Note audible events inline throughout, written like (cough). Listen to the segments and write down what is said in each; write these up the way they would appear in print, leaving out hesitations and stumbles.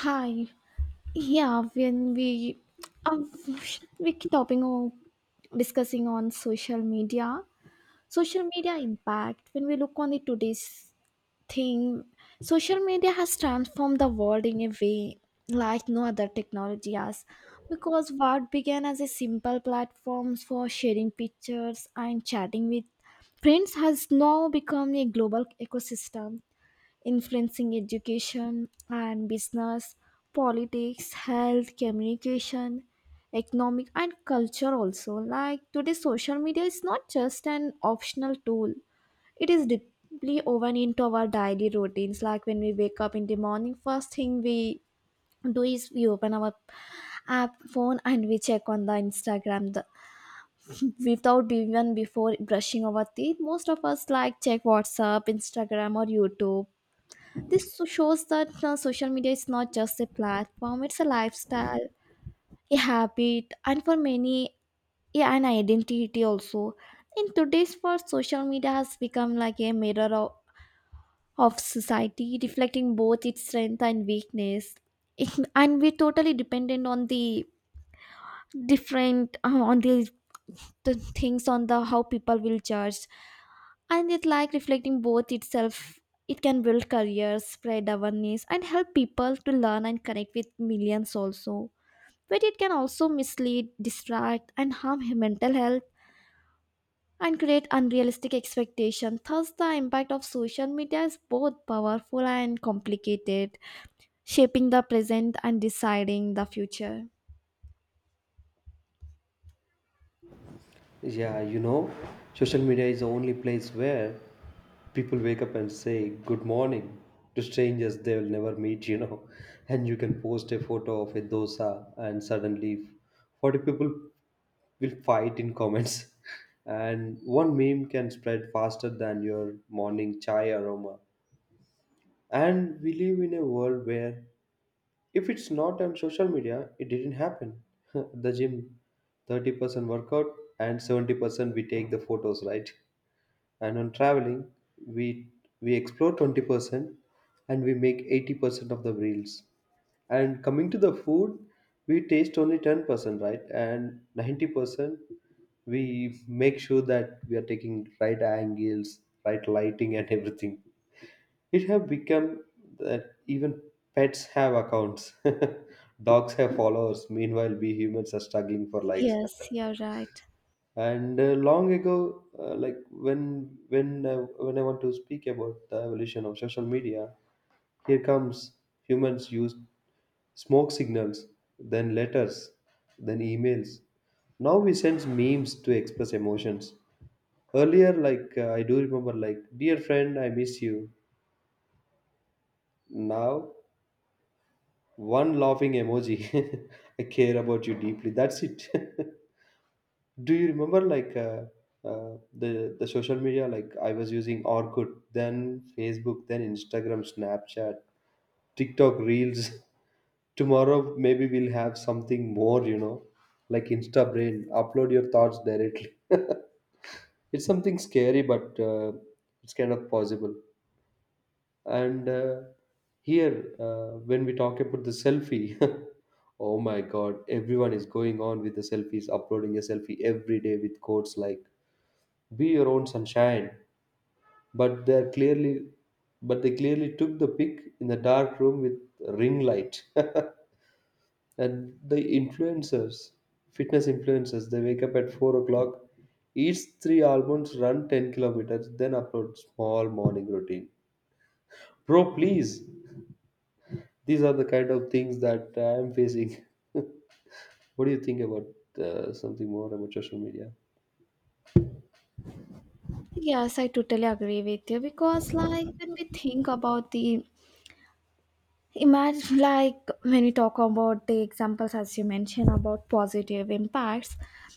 Hi. Yeah, when we uh, should we keep talking or discussing on social media impact. When we look on the today's thing, social media has transformed the world in a way like no other technology has. Because what began as a simple platforms for sharing pictures and chatting with friends has now become a global ecosystem influencing education and business, politics, health, communication, economic, and culture also. Like today, social media is not just an optional tool, it is deeply woven into our daily routines. Like when we wake up in the morning, first thing we do is we open our app phone and we check on the Instagram without even before brushing our teeth, most of us like check WhatsApp, Instagram or YouTube. This shows that social media is not just a platform, it's a lifestyle, a habit, and for many, yeah, an identity also. In today's world, social media has become like a mirror of society, reflecting both its strength and weakness. And we're totally dependent on the different, on the things, on the how people will judge. And it's like reflecting both itself, it can build careers, spread awareness and help people to learn and connect with millions also, but it can also mislead, distract and harm mental health and create unrealistic expectation. Thus the impact of social media is both powerful and complicated, shaping the present and deciding the future. Yeah, social media is the only place where people wake up and say good morning to strangers they will never meet. (laughs) And you can post a photo of a dosa, and suddenly 40 people will fight in comments. (laughs) And one meme can spread faster than your morning chai aroma. And we live in a world where if it's not on social media, it didn't happen. (laughs) The gym, 30% workout and 70% we take the photos, right? And on traveling, we we explore 20% and we make 80% of the reels. And coming to the food, we taste only 10%, right? And 90% we make sure that we are taking right angles, right lighting and everything. It have become that even pets have accounts. (laughs) Dogs have followers. Meanwhile, we humans are struggling for likes. Yes, (laughs) you're right. And long ago, like when I want to speak about the evolution of social media, here comes humans used smoke signals, then letters, then emails. Now we send memes to express emotions. Earlier, like I do remember, like dear friend, I miss you. Now, one laughing emoji. (laughs) I care about you deeply. That's it. (laughs) Do you remember like the social media? Like I was using Orkut, then Facebook, then Instagram, Snapchat, TikTok Reels. (laughs) Tomorrow maybe we'll have something more. Like Insta Brain. Upload your thoughts directly. (laughs) It's something scary, but it's kind of possible. And here, when we talk about the selfie, (laughs) Oh my God, everyone is going on with the selfies, uploading a selfie every day with quotes like "Be your own sunshine." But they're clearly, but they clearly took the pic in the dark room with ring light. (laughs) And the influencers, fitness influencers, they wake up at 4 o'clock, eats three almonds, run 10 kilometers, then upload small morning routine. Bro, please. These are the kind of things that I am facing. (laughs) What do you think about something more about social media? Yes, I totally agree with you because, like, when we think about the imagine like when we talk about the examples as you mentioned about positive impacts,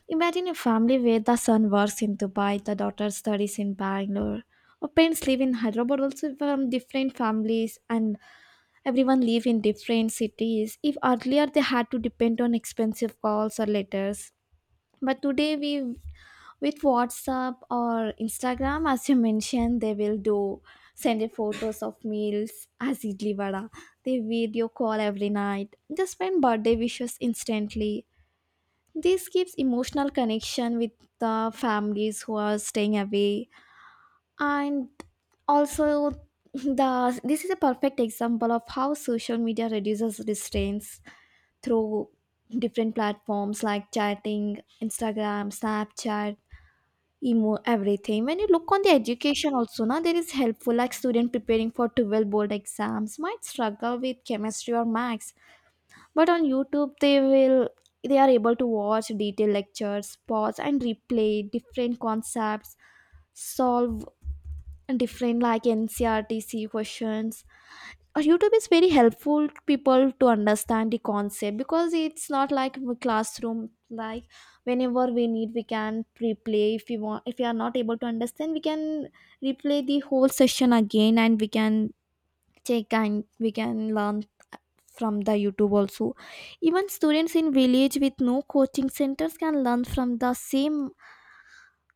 imagine a family where the son works in Dubai, the daughter studies in Bangalore or parents live in Hyderabad also, from different families, and everyone live in different cities. If earlier they had to depend on expensive calls or letters, but today we with WhatsApp or Instagram, as you mentioned, they will do send you photos of meals as idli vada. They video call every night. They send birthday wishes instantly. This gives emotional connection with the families who are staying away, and also the this is a perfect example of how social media reduces distance through different platforms like chatting, Instagram, Snapchat, emo everything. When you look on the education also, now there is helpful like student preparing for 12 board exams might struggle with chemistry or maths, but on YouTube they will they are able to watch detailed lectures, pause and replay different concepts, solve different like NCRTC questions. YouTube is very helpful to people to understand the concept because it's not like a classroom. Like whenever we need, we can replay. If we want, if we are not able to understand, we can replay the whole session again and we can check and we can learn from the YouTube also. Even students in village with no coaching centers can learn from the same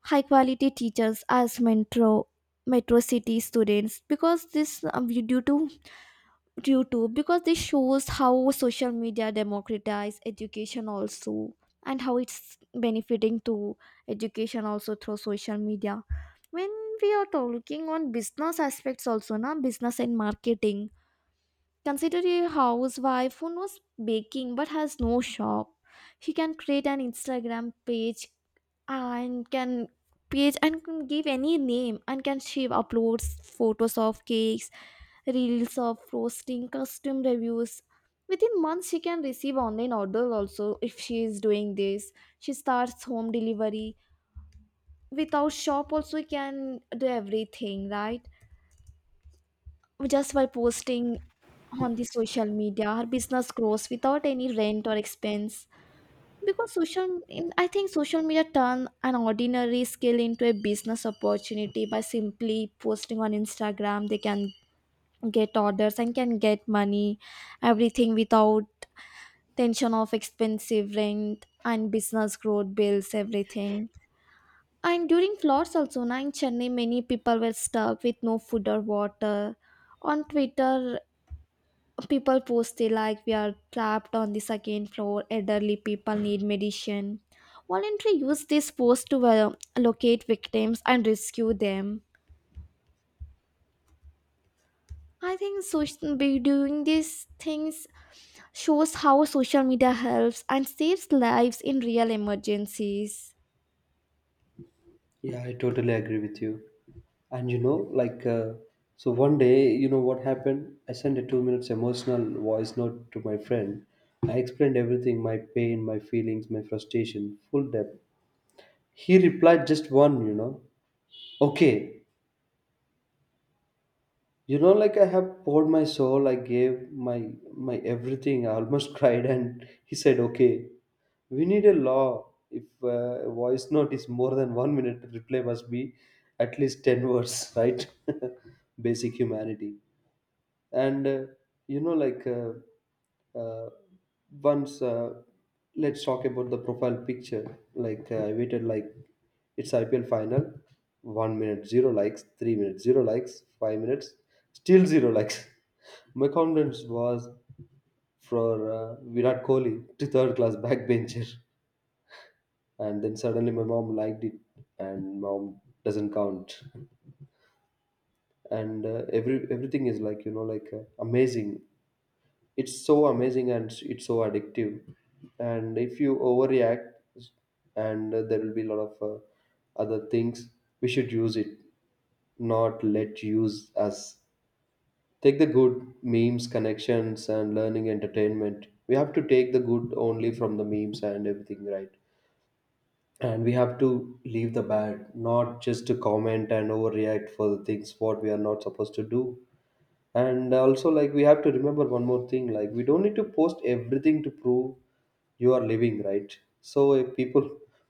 high quality teachers as metro city students because this due to shows how social media democratize education also and how it's benefiting to education also through social media. When we are talking on business aspects also, na, business and marketing. Consider a housewife who knows baking but has no shop. She can create an Instagram page and can and can give any name, and can she uploads photos of cakes, reels of roasting, custom reviews. Within months she can receive online order also if she is doing this. She starts home delivery. Without shop also you can do everything, right? Just by posting on the social media, her business grows without any rent or expense because I think social media turn an ordinary skill into a business opportunity. By simply posting on Instagram they can get orders and can get money, everything without tension of expensive rent and business growth bills, everything. And during floods also, na, in Chennai, many people were stuck with no food or water. On Twitter, people post, they like we are trapped on the second floor, elderly people need medicine. Voluntary use this post to locate victims and rescue them. I think social be doing these things shows how social media helps and saves lives in real emergencies. Yeah, I totally agree with you. And like, so one day, you know what happened? I sent a 2 minutes emotional voice note to my friend. I explained everything, my pain, my feelings, my frustration, full depth. He replied just one, okay. Like, I have poured my soul. I gave my my everything. I almost (laughs) cried, and he said, okay. We need a law. If a voice note is more than 1 minute, the reply must be at least 10 words, right? (laughs) Basic humanity. And like, uh, once, let's talk about the profile picture. Like, I waited like, it's IPL final. 1 minute, zero likes. 3 minutes, zero likes. 5 minutes, still zero likes. (laughs) My confidence was, for Virat Kohli to third class backbencher. And then suddenly my mom liked it. And mom doesn't count. And everything is like, like, amazing. It's so amazing, and it's so addictive. And if you overreact, and there will be a lot of other things. We should use it, not let use us. Take the good: memes, connections, and learning, entertainment. We have to take the good only from the memes and everything, right? And we have to leave the bad, not just to comment and overreact for the things what we are not supposed to do. And also, like, we have to remember one more thing, like, we don't need to post everything to prove you are living, right? So if people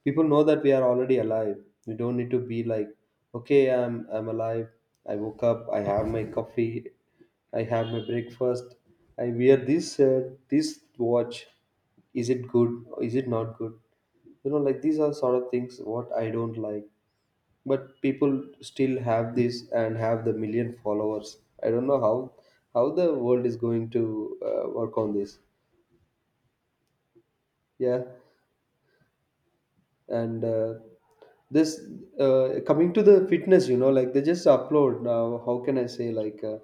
people know that we are already alive, we don't need to be like, okay, I'm alive, I woke up, I have my coffee, I have my breakfast, I wear this shirt, this watch, is it good, is it not good? Like, these are sort of things what I don't like. But people still have this and have the million followers. I don't know how the world is going to work on this. Yeah. And this coming to the fitness, like, they just upload now. How can I say, like, uh,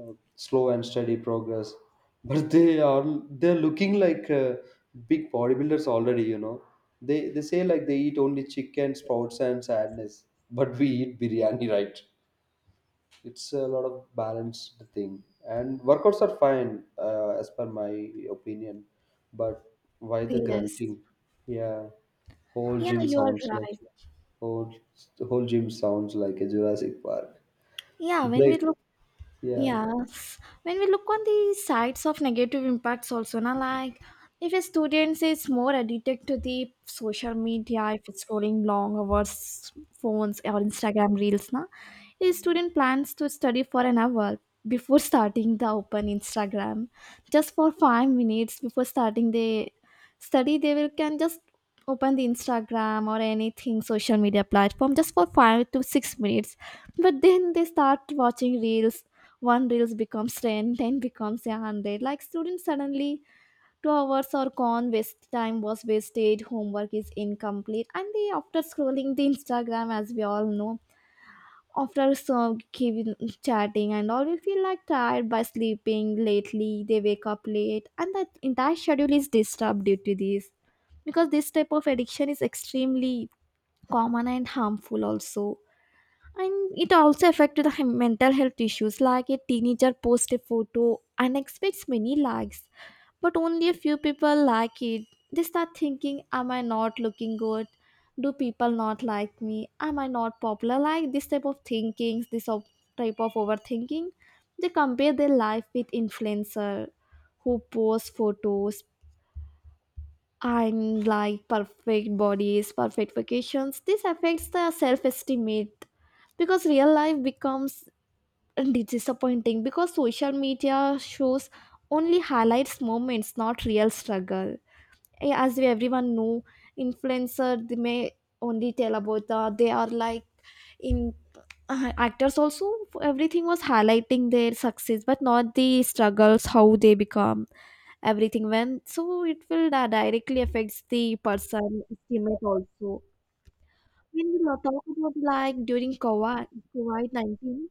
uh, slow and steady progress. (laughs) But they're looking like, big bodybuilders already. They say, like, they eat only chicken, sprouts, and sadness, but we eat biryani, (laughs) right? It's a lot of balanced thing. And workouts are fine, as per my opinion. But why the Yes. grunting? Yeah. Whole Yeah, gym you are sounds like. right. Whole whole gym sounds like a Jurassic Park yeah when we break. look Yeah. Yes. When we look on the sides of negative impacts also, na, like if a student is more addicted to the social media, if it's scrolling long hours phones or Instagram reels, na, a student plans to study for an hour before starting the open Instagram. Just for 5 minutes before starting the study, they will can just open the Instagram or anything social media platform just for 5 to 6 minutes. But then they start watching reels, one reels becomes 10, 10 becomes 100. Like students suddenly 2 hours are gone, waste time was wasted, homework is incomplete, and they after scrolling the Instagram, as we all know, after some giving chatting and all, we feel like tired. By sleeping lately they wake up late, and that entire schedule is disturbed due to this because this type of addiction is extremely common and harmful also. And it also affected the mental health issues like a teenager posts a photo and expects many likes, but only a few people like it. They start thinking, am I not looking good? Do people not like me? Am I not popular? Like this type of thinking, type of overthinking. They compare their life with influencer who post photos, and like perfect bodies, perfect vacations. This affects the self-estimate because real life becomes disappointing because social media shows only highlights moments, not real struggle. As we everyone know, influencer they may only tell about the they are like in actors also, everything was highlighting their success but not the struggles how they become everything. When so it will directly affects the person estimate also. When we talk about like during COVID 19,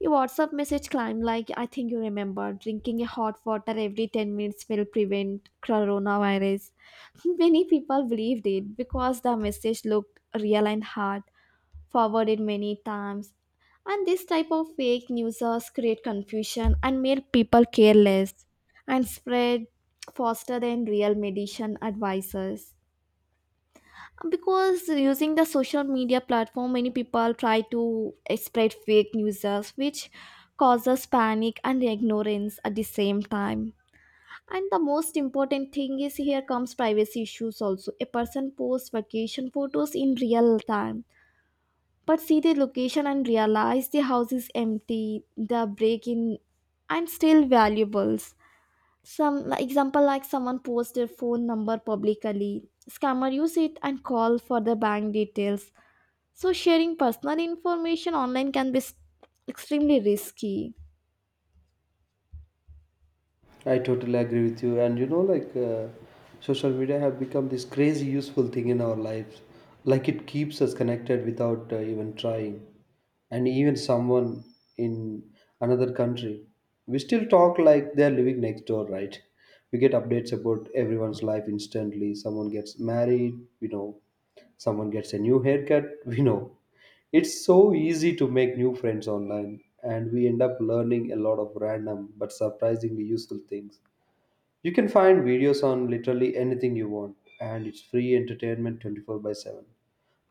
your WhatsApp message climbed, like I think you remember drinking a hot water every 10 minutes will prevent coronavirus. (laughs) Many people believed it because the message looked real and hard forwarded many times. And this type of fake newsers create confusion and make people careless and spread faster than real medicine advisors. Because using the social media platform, many people try to spread fake newsers, which causes panic and ignorance at the same time. And the most important thing is here comes privacy issues also. A person posts vacation photos in real time but see the location and realize the house is empty, the break in and still valuables. Some like, example like someone posts their phone number publicly, scammer use it and call for the bank details. So sharing personal information online can be extremely risky. I totally agree with you. And like social media have become this crazy useful thing in our lives. Like it keeps us connected without even trying. And even someone in another country, we still talk like they're living next door, right? We get updates about everyone's life instantly. Someone gets married, we know. Someone gets a new haircut, (laughs) we know. It's so easy to make new friends online, and we end up learning a lot of random but surprisingly useful things. You can find videos on literally anything you want, and it's free entertainment 24/7.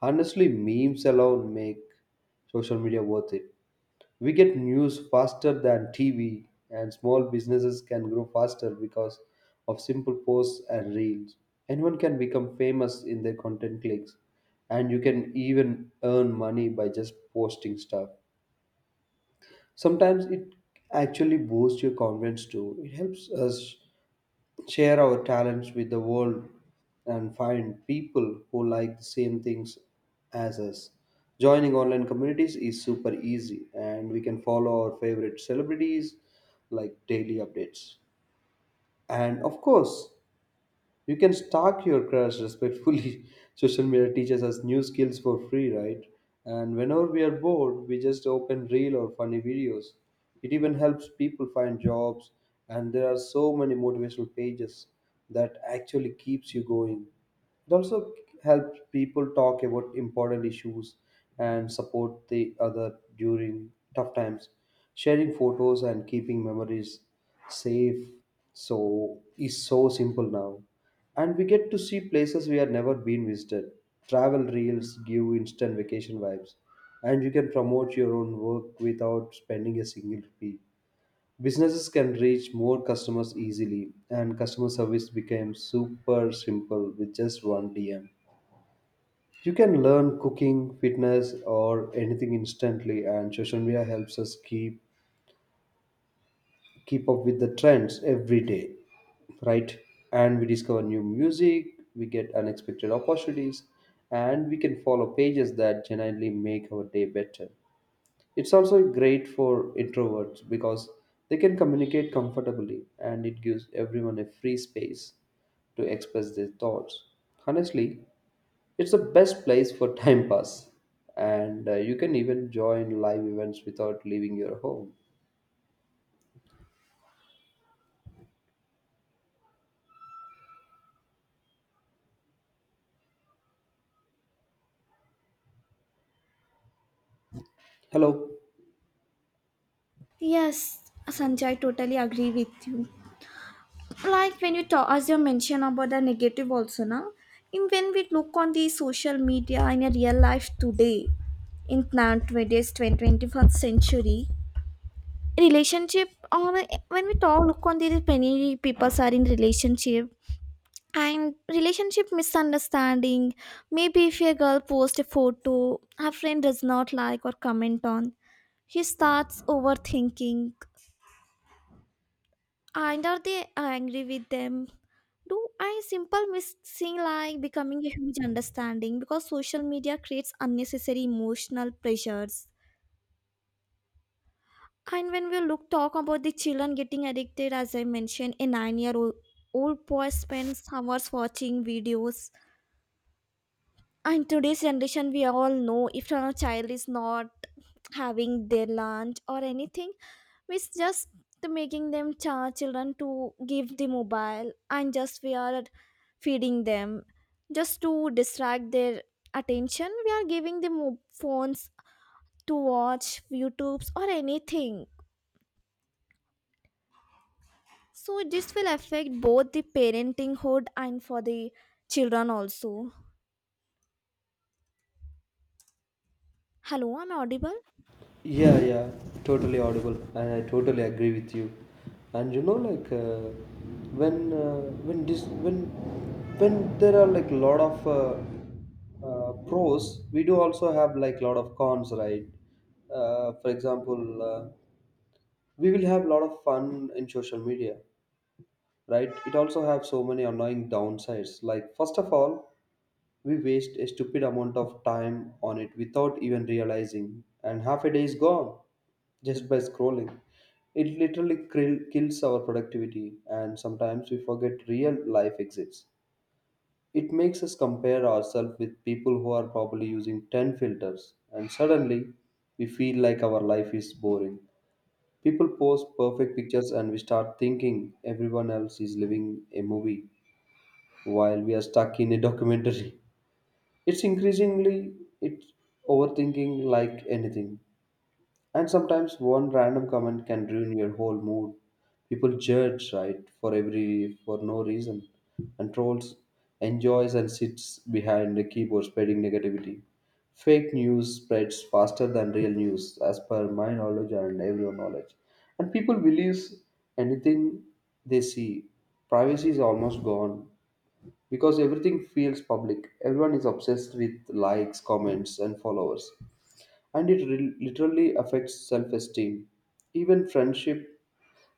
Honestly, memes alone make social media worth it. We get news faster than TV, and small businesses can grow faster because of simple posts and reels. Anyone can become famous in their content clicks, and you can even earn money by just posting stuff. Sometimes it actually boosts your confidence too. It helps us share our talents with the world and find people who like the same things as us. Joining online communities is super easy, and we can follow our favorite celebrities like daily updates. And of course, you can stalk your crush respectfully. (laughs) Social media teaches us new skills for free, right? And whenever we are bored, we just open reel or funny videos. It even helps people find jobs, and there are so many motivational pages that actually keeps you going. It also helps people talk about important issues and support the other during tough times, sharing photos and keeping memories safe. So is so simple now, and we get to see places we have never been visited. Travel reels give instant vacation vibes, and you can promote your own work without spending a single rupee. Businesses can reach more customers easily, and customer service became super simple with just one DM. You can learn cooking, fitness, or anything instantly, and social media helps us keep up with the trends every day, right? And we discover new music, we get unexpected opportunities, and we can follow pages that genuinely make our day better. It's also great for introverts because they can communicate comfortably, and it gives everyone a free space to express their thoughts honestly. It's the best place for (laughs) time pass. And you can even join live events without leaving your home. Hello? Yes, Sanjay, I totally agree with you. Like when you talk as you mentioned about the negative also, now in when we look on the social media in a real life today, in 20th, 21st century relationship on when we talk look on these, many people are in relationship and relationship misunderstanding. Maybe if a girl posts a photo, her friend does not like or comment on, he starts overthinking. And are they angry with them? Do I simple missing like becoming a huge understanding because social media creates unnecessary emotional pressures. And when we look talk about the children getting addicted, as I mentioned, a nine-year-old old old boy spends hours watching videos. In today's generation, we all know, if our child is not having their lunch or anything, we just making them children, to give the mobile and just we are feeding them just to distract their attention, we are giving them phones to watch youtubes or anything. So this will affect both the parenting hood and for the children also. Hello, I'm audible. Yeah, yeah, totally audible, and I totally agree with you. And like when uh, when this when there are, like, a lot of pros, we do also have like a lot of cons, right? For example, we will have a lot of fun in social media, right? It also have so many annoying downsides. Like, first of all, we waste a stupid amount of time on it without even realizing, and half a day is gone just by scrolling. It literally kills our productivity, and sometimes we forget real life exists. It makes us compare ourselves with people who are probably using 10 filters, and suddenly we feel like our life is boring. People post perfect pictures and we start thinking everyone else is living a movie while we are stuck in a documentary. It's increasingly it's overthinking like anything. And sometimes one random comment can ruin your whole mood. People judge, right, for no reason, and trolls enjoys and sits behind the keyboard spreading negativity. Fake news spreads faster than real news, as per my knowledge and everyone knowledge. And people believes anything they see. Privacy is almost gone because everything feels public. Everyone is obsessed with likes, comments, and followers, and it literally affects self-esteem. Even friendship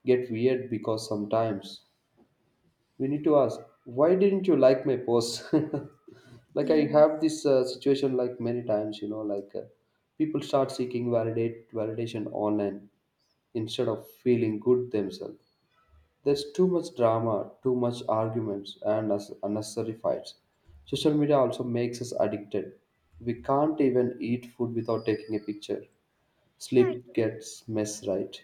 get weird because sometimes we need to ask, why didn't you like my post? (laughs) Like, I Yeah. have this situation like many times, like, people start seeking validate validation online instead of feeling good themselves. There's too much drama, too much arguments, and unnecessary fights. Social media also makes us addicted. We can't even eat food without taking a picture. yeah it Sleep gets mess, right.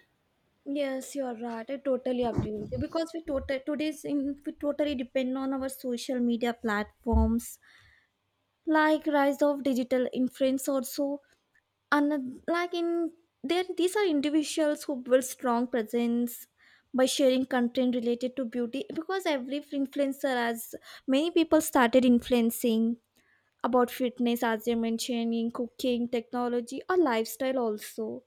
Yes, you're right. I totally agree with you because we total today's in we totally depend on our social media platforms, like rise of digital influence also. And like in there, these are individuals who build strong presence by sharing content related to beauty because every influencer has many people started influencing about fitness, as you mentioned, in cooking, technology or lifestyle also.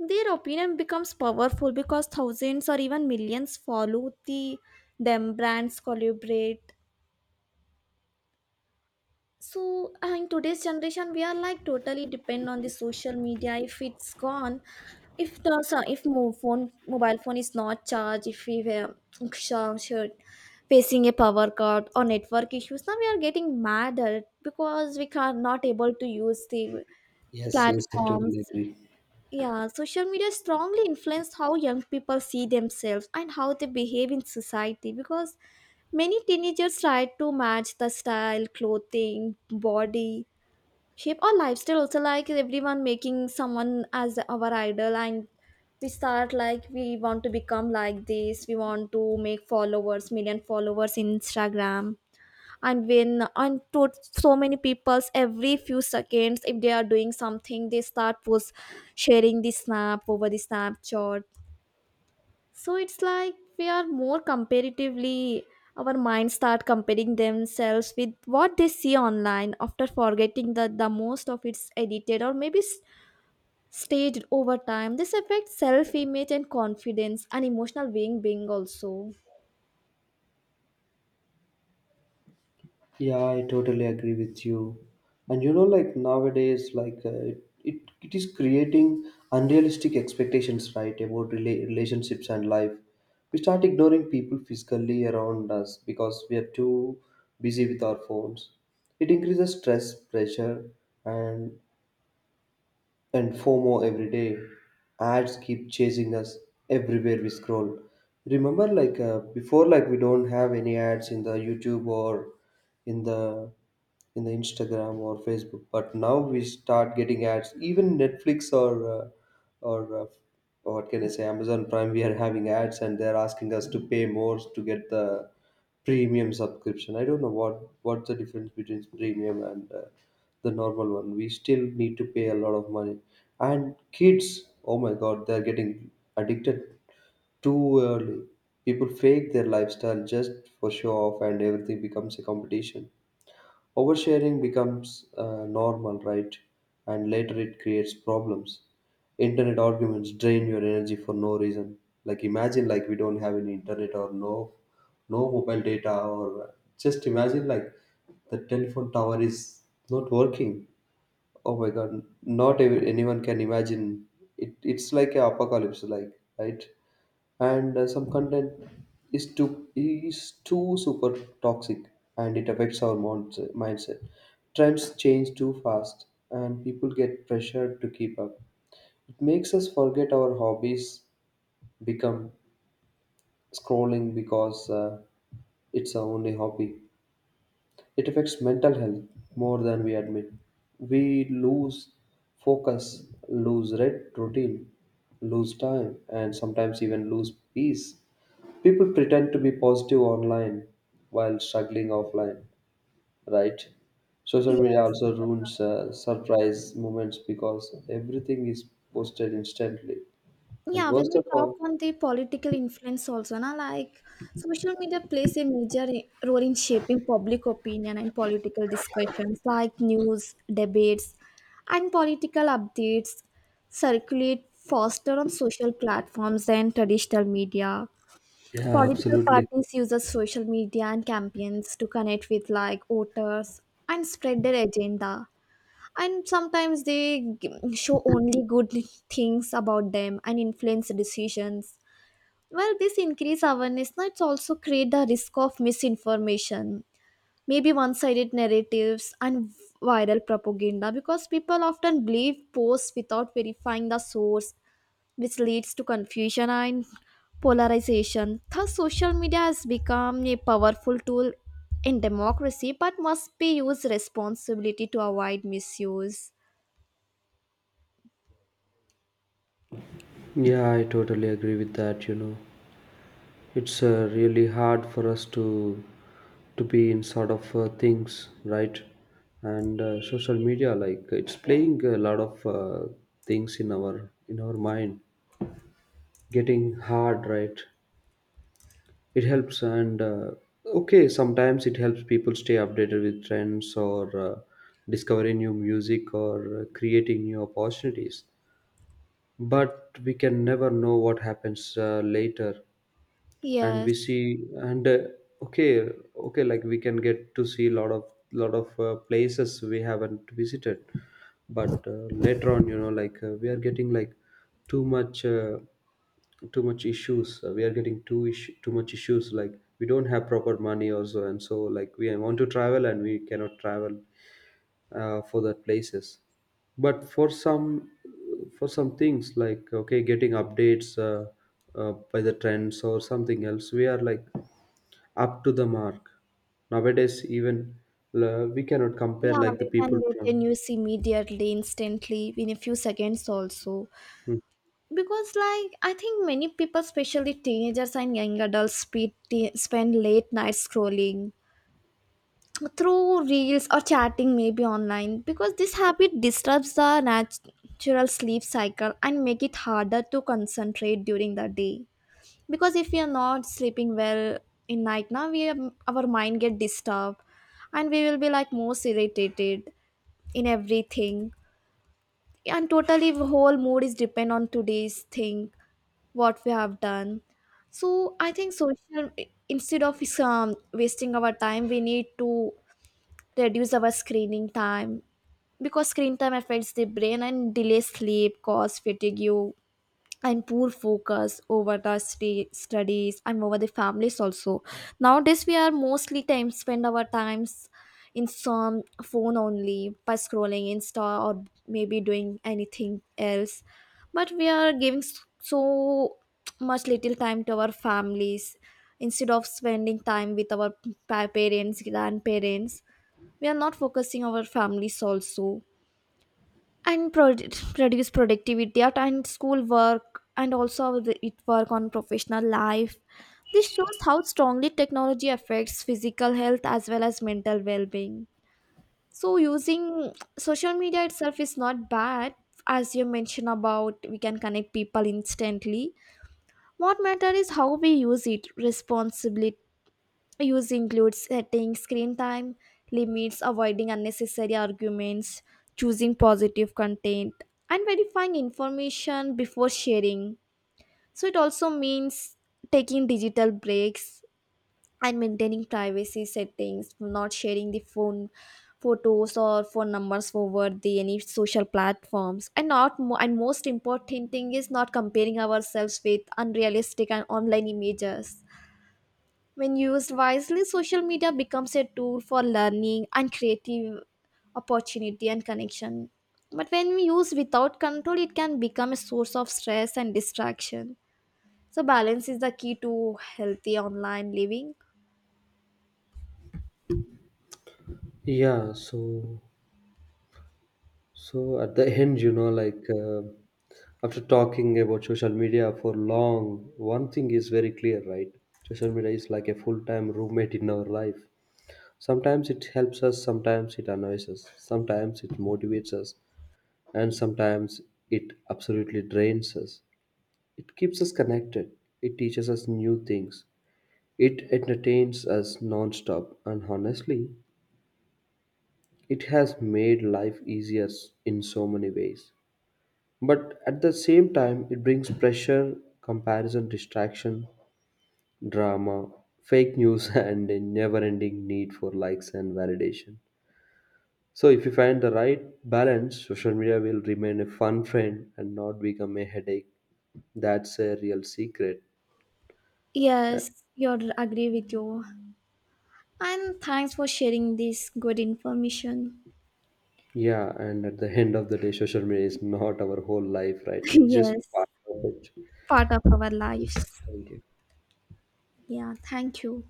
Their opinion becomes powerful because thousands or even millions follow the them, brands collaborate. So in today's generation we are like totally depend on the social media. If it's gone, if the if mobile phone is not charged, if we were sure, sure, facing a power cut or network issues, now we are getting mad at because we are not able to use the Yes, yes, I totally platforms. agree. Yeah, social media strongly influenced how young people see themselves and how they behave in society because many teenagers try to match the style, clothing, body, shape, or lifestyle. Also, like everyone making someone as our idol, and we start like we want to become like this, we want to make followers, million followers in Instagram and when and to so many peoples every few seconds if they are doing something they start post sharing the snap over the snapchat so it's like we are more comparatively our minds start comparing themselves with what they see online after forgetting that the most of it's edited or maybe staged over time. This affects self image and confidence and emotional being also. Yeah, I totally agree with you. And like nowadays, like it is creating unrealistic expectations, right, about relationships and life. We start ignoring people physically around us because we are too busy with our phones. It increases stress, pressure, and and FOMO every day. Ads keep chasing us everywhere we scroll. Remember, before, like we don't have any ads in the YouTube or in the in the Instagram or Facebook, but now we start getting ads. Even Netflix or or uh, what can I say, Amazon Prime, we are having ads, and they're asking us to pay more to get the premium subscription. I don't know what's the difference between premium and the normal one. We still need to pay a lot of money. And kids, oh my god, they're getting addicted too early. People fake their lifestyle just for show off, and everything becomes a competition. Oversharing becomes normal, right? And later it creates problems. Internet arguments drain your energy for no reason. Like imagine like we don't have any internet or no mobile data or just imagine like the telephone tower is not working. Oh my God, not anyone can imagine. It's like a apocalypse, like right. And some content is too super toxic, and it affects our mindset. Trends change too fast, and people get pressured to keep up. It makes us forget our hobbies become scrolling because it's our only hobby. It affects mental health more than we admit. We lose focus, lose red routine, lose time, and sometimes even lose peace. People pretend to be positive online while struggling offline, right? Social media Yes. also ruins surprise moments because everything is posted instantly. And Yeah, when worst we of talk all, on the political influence also, na, like social media plays a major role in shaping public opinion and political discussions, like news, debates, and political updates circulate faster on social platforms than traditional media. yeah, Political absolutely. parties use social media and campaigns to connect with like voters and spread their agenda, and sometimes they show only good things about them and influence decisions. Well, this increased awareness now, it's also create the risk of misinformation, maybe one-sided narratives and viral propaganda, because people often believe posts without verifying the source, which leads to confusion and polarization. Thus social media has become a powerful tool in democracy but must be used responsibly to avoid misuse. Yeah, I totally agree with that, you know. It's really hard for us to be in sort of things right, and social media, like it's playing a lot of things in our mind, getting hard right. It helps and okay, sometimes it helps people stay updated with trends or discovering new music or creating new opportunities, but we can never know what happens later. And we Yes. see and okay, okay like we can get to see a lot of places we haven't visited. But later on, you know, like we are getting like too much issues. We are getting too much issues, like we don't have proper money also, and so like we want to travel and we cannot travel for that places. But for some things, like okay, getting updates by the trends or something else, we are like up to the mark nowadays. Even we cannot compare Yeah, like the we people can get from. the news immediately, instantly, in a few seconds also. Hmm. Because, like, I think many people, especially teenagers and young adults, spend late nights scrolling through reels or chatting, maybe online. Because this habit disrupts the natural sleep cycle and make it harder to concentrate during the day. Because if we are not sleeping well in night now, we are, our mind get disturbed and we will be like most irritated in everything, and totally whole mood is depend on today's thing, what we have done. So I think social, instead of wasting our time, we need to reduce our screening time, because screen time affects the brain and delay sleep, cause fatigue and poor focus over the sta studies and over the families also. Nowadays we are mostly time spend our times in some phone only by scrolling insta or maybe doing anything else, but we are giving so much little time to our families. Instead of spending time with our parents, grandparents, we are not focusing our families also, and reduce productivity at and school work and also it work on professional life. This shows how strongly technology affects physical health as well as mental well-being. So using social media itself is not bad. As you mentioned, about we can connect people instantly, what matter is how we use it responsibly. Use includes setting screen time limits, avoiding unnecessary arguments, choosing positive content, and verifying information before sharing. So, it also means taking digital breaks and maintaining privacy settings, not sharing the phone photos or phone numbers over the any social platforms, and not mo- and most important thing is not comparing ourselves with unrealistic and online images. When used wisely, social media becomes a tool for learning and creative opportunity and connection. But when we use without control, it can become a source of stress and distraction. So balance is the key to healthy online living. Yeah, so at the end, you know, like after talking about social media for long, one thing is very clear, right? Social media is like a full-time roommate in our life. Sometimes it helps us, sometimes it annoys us, sometimes it motivates us, and sometimes it absolutely drains us. It keeps us connected, it teaches us new things, it entertains us non stop, and honestly, it has made life easier in so many ways. But at the same time, it brings pressure, comparison, distraction, drama, fake news, (laughs) and a never ending need for likes and validation. So if you find the right balance, social media will remain a fun friend and not become a headache. That's a real secret. Uh, Yes, you agree with you. And thanks for sharing this good information. Yeah, and at the end of the day, social media is not our whole life, right? (laughs) It's just Yes, part of it. part of our lives. Yes, thank you. Yeah, thank you.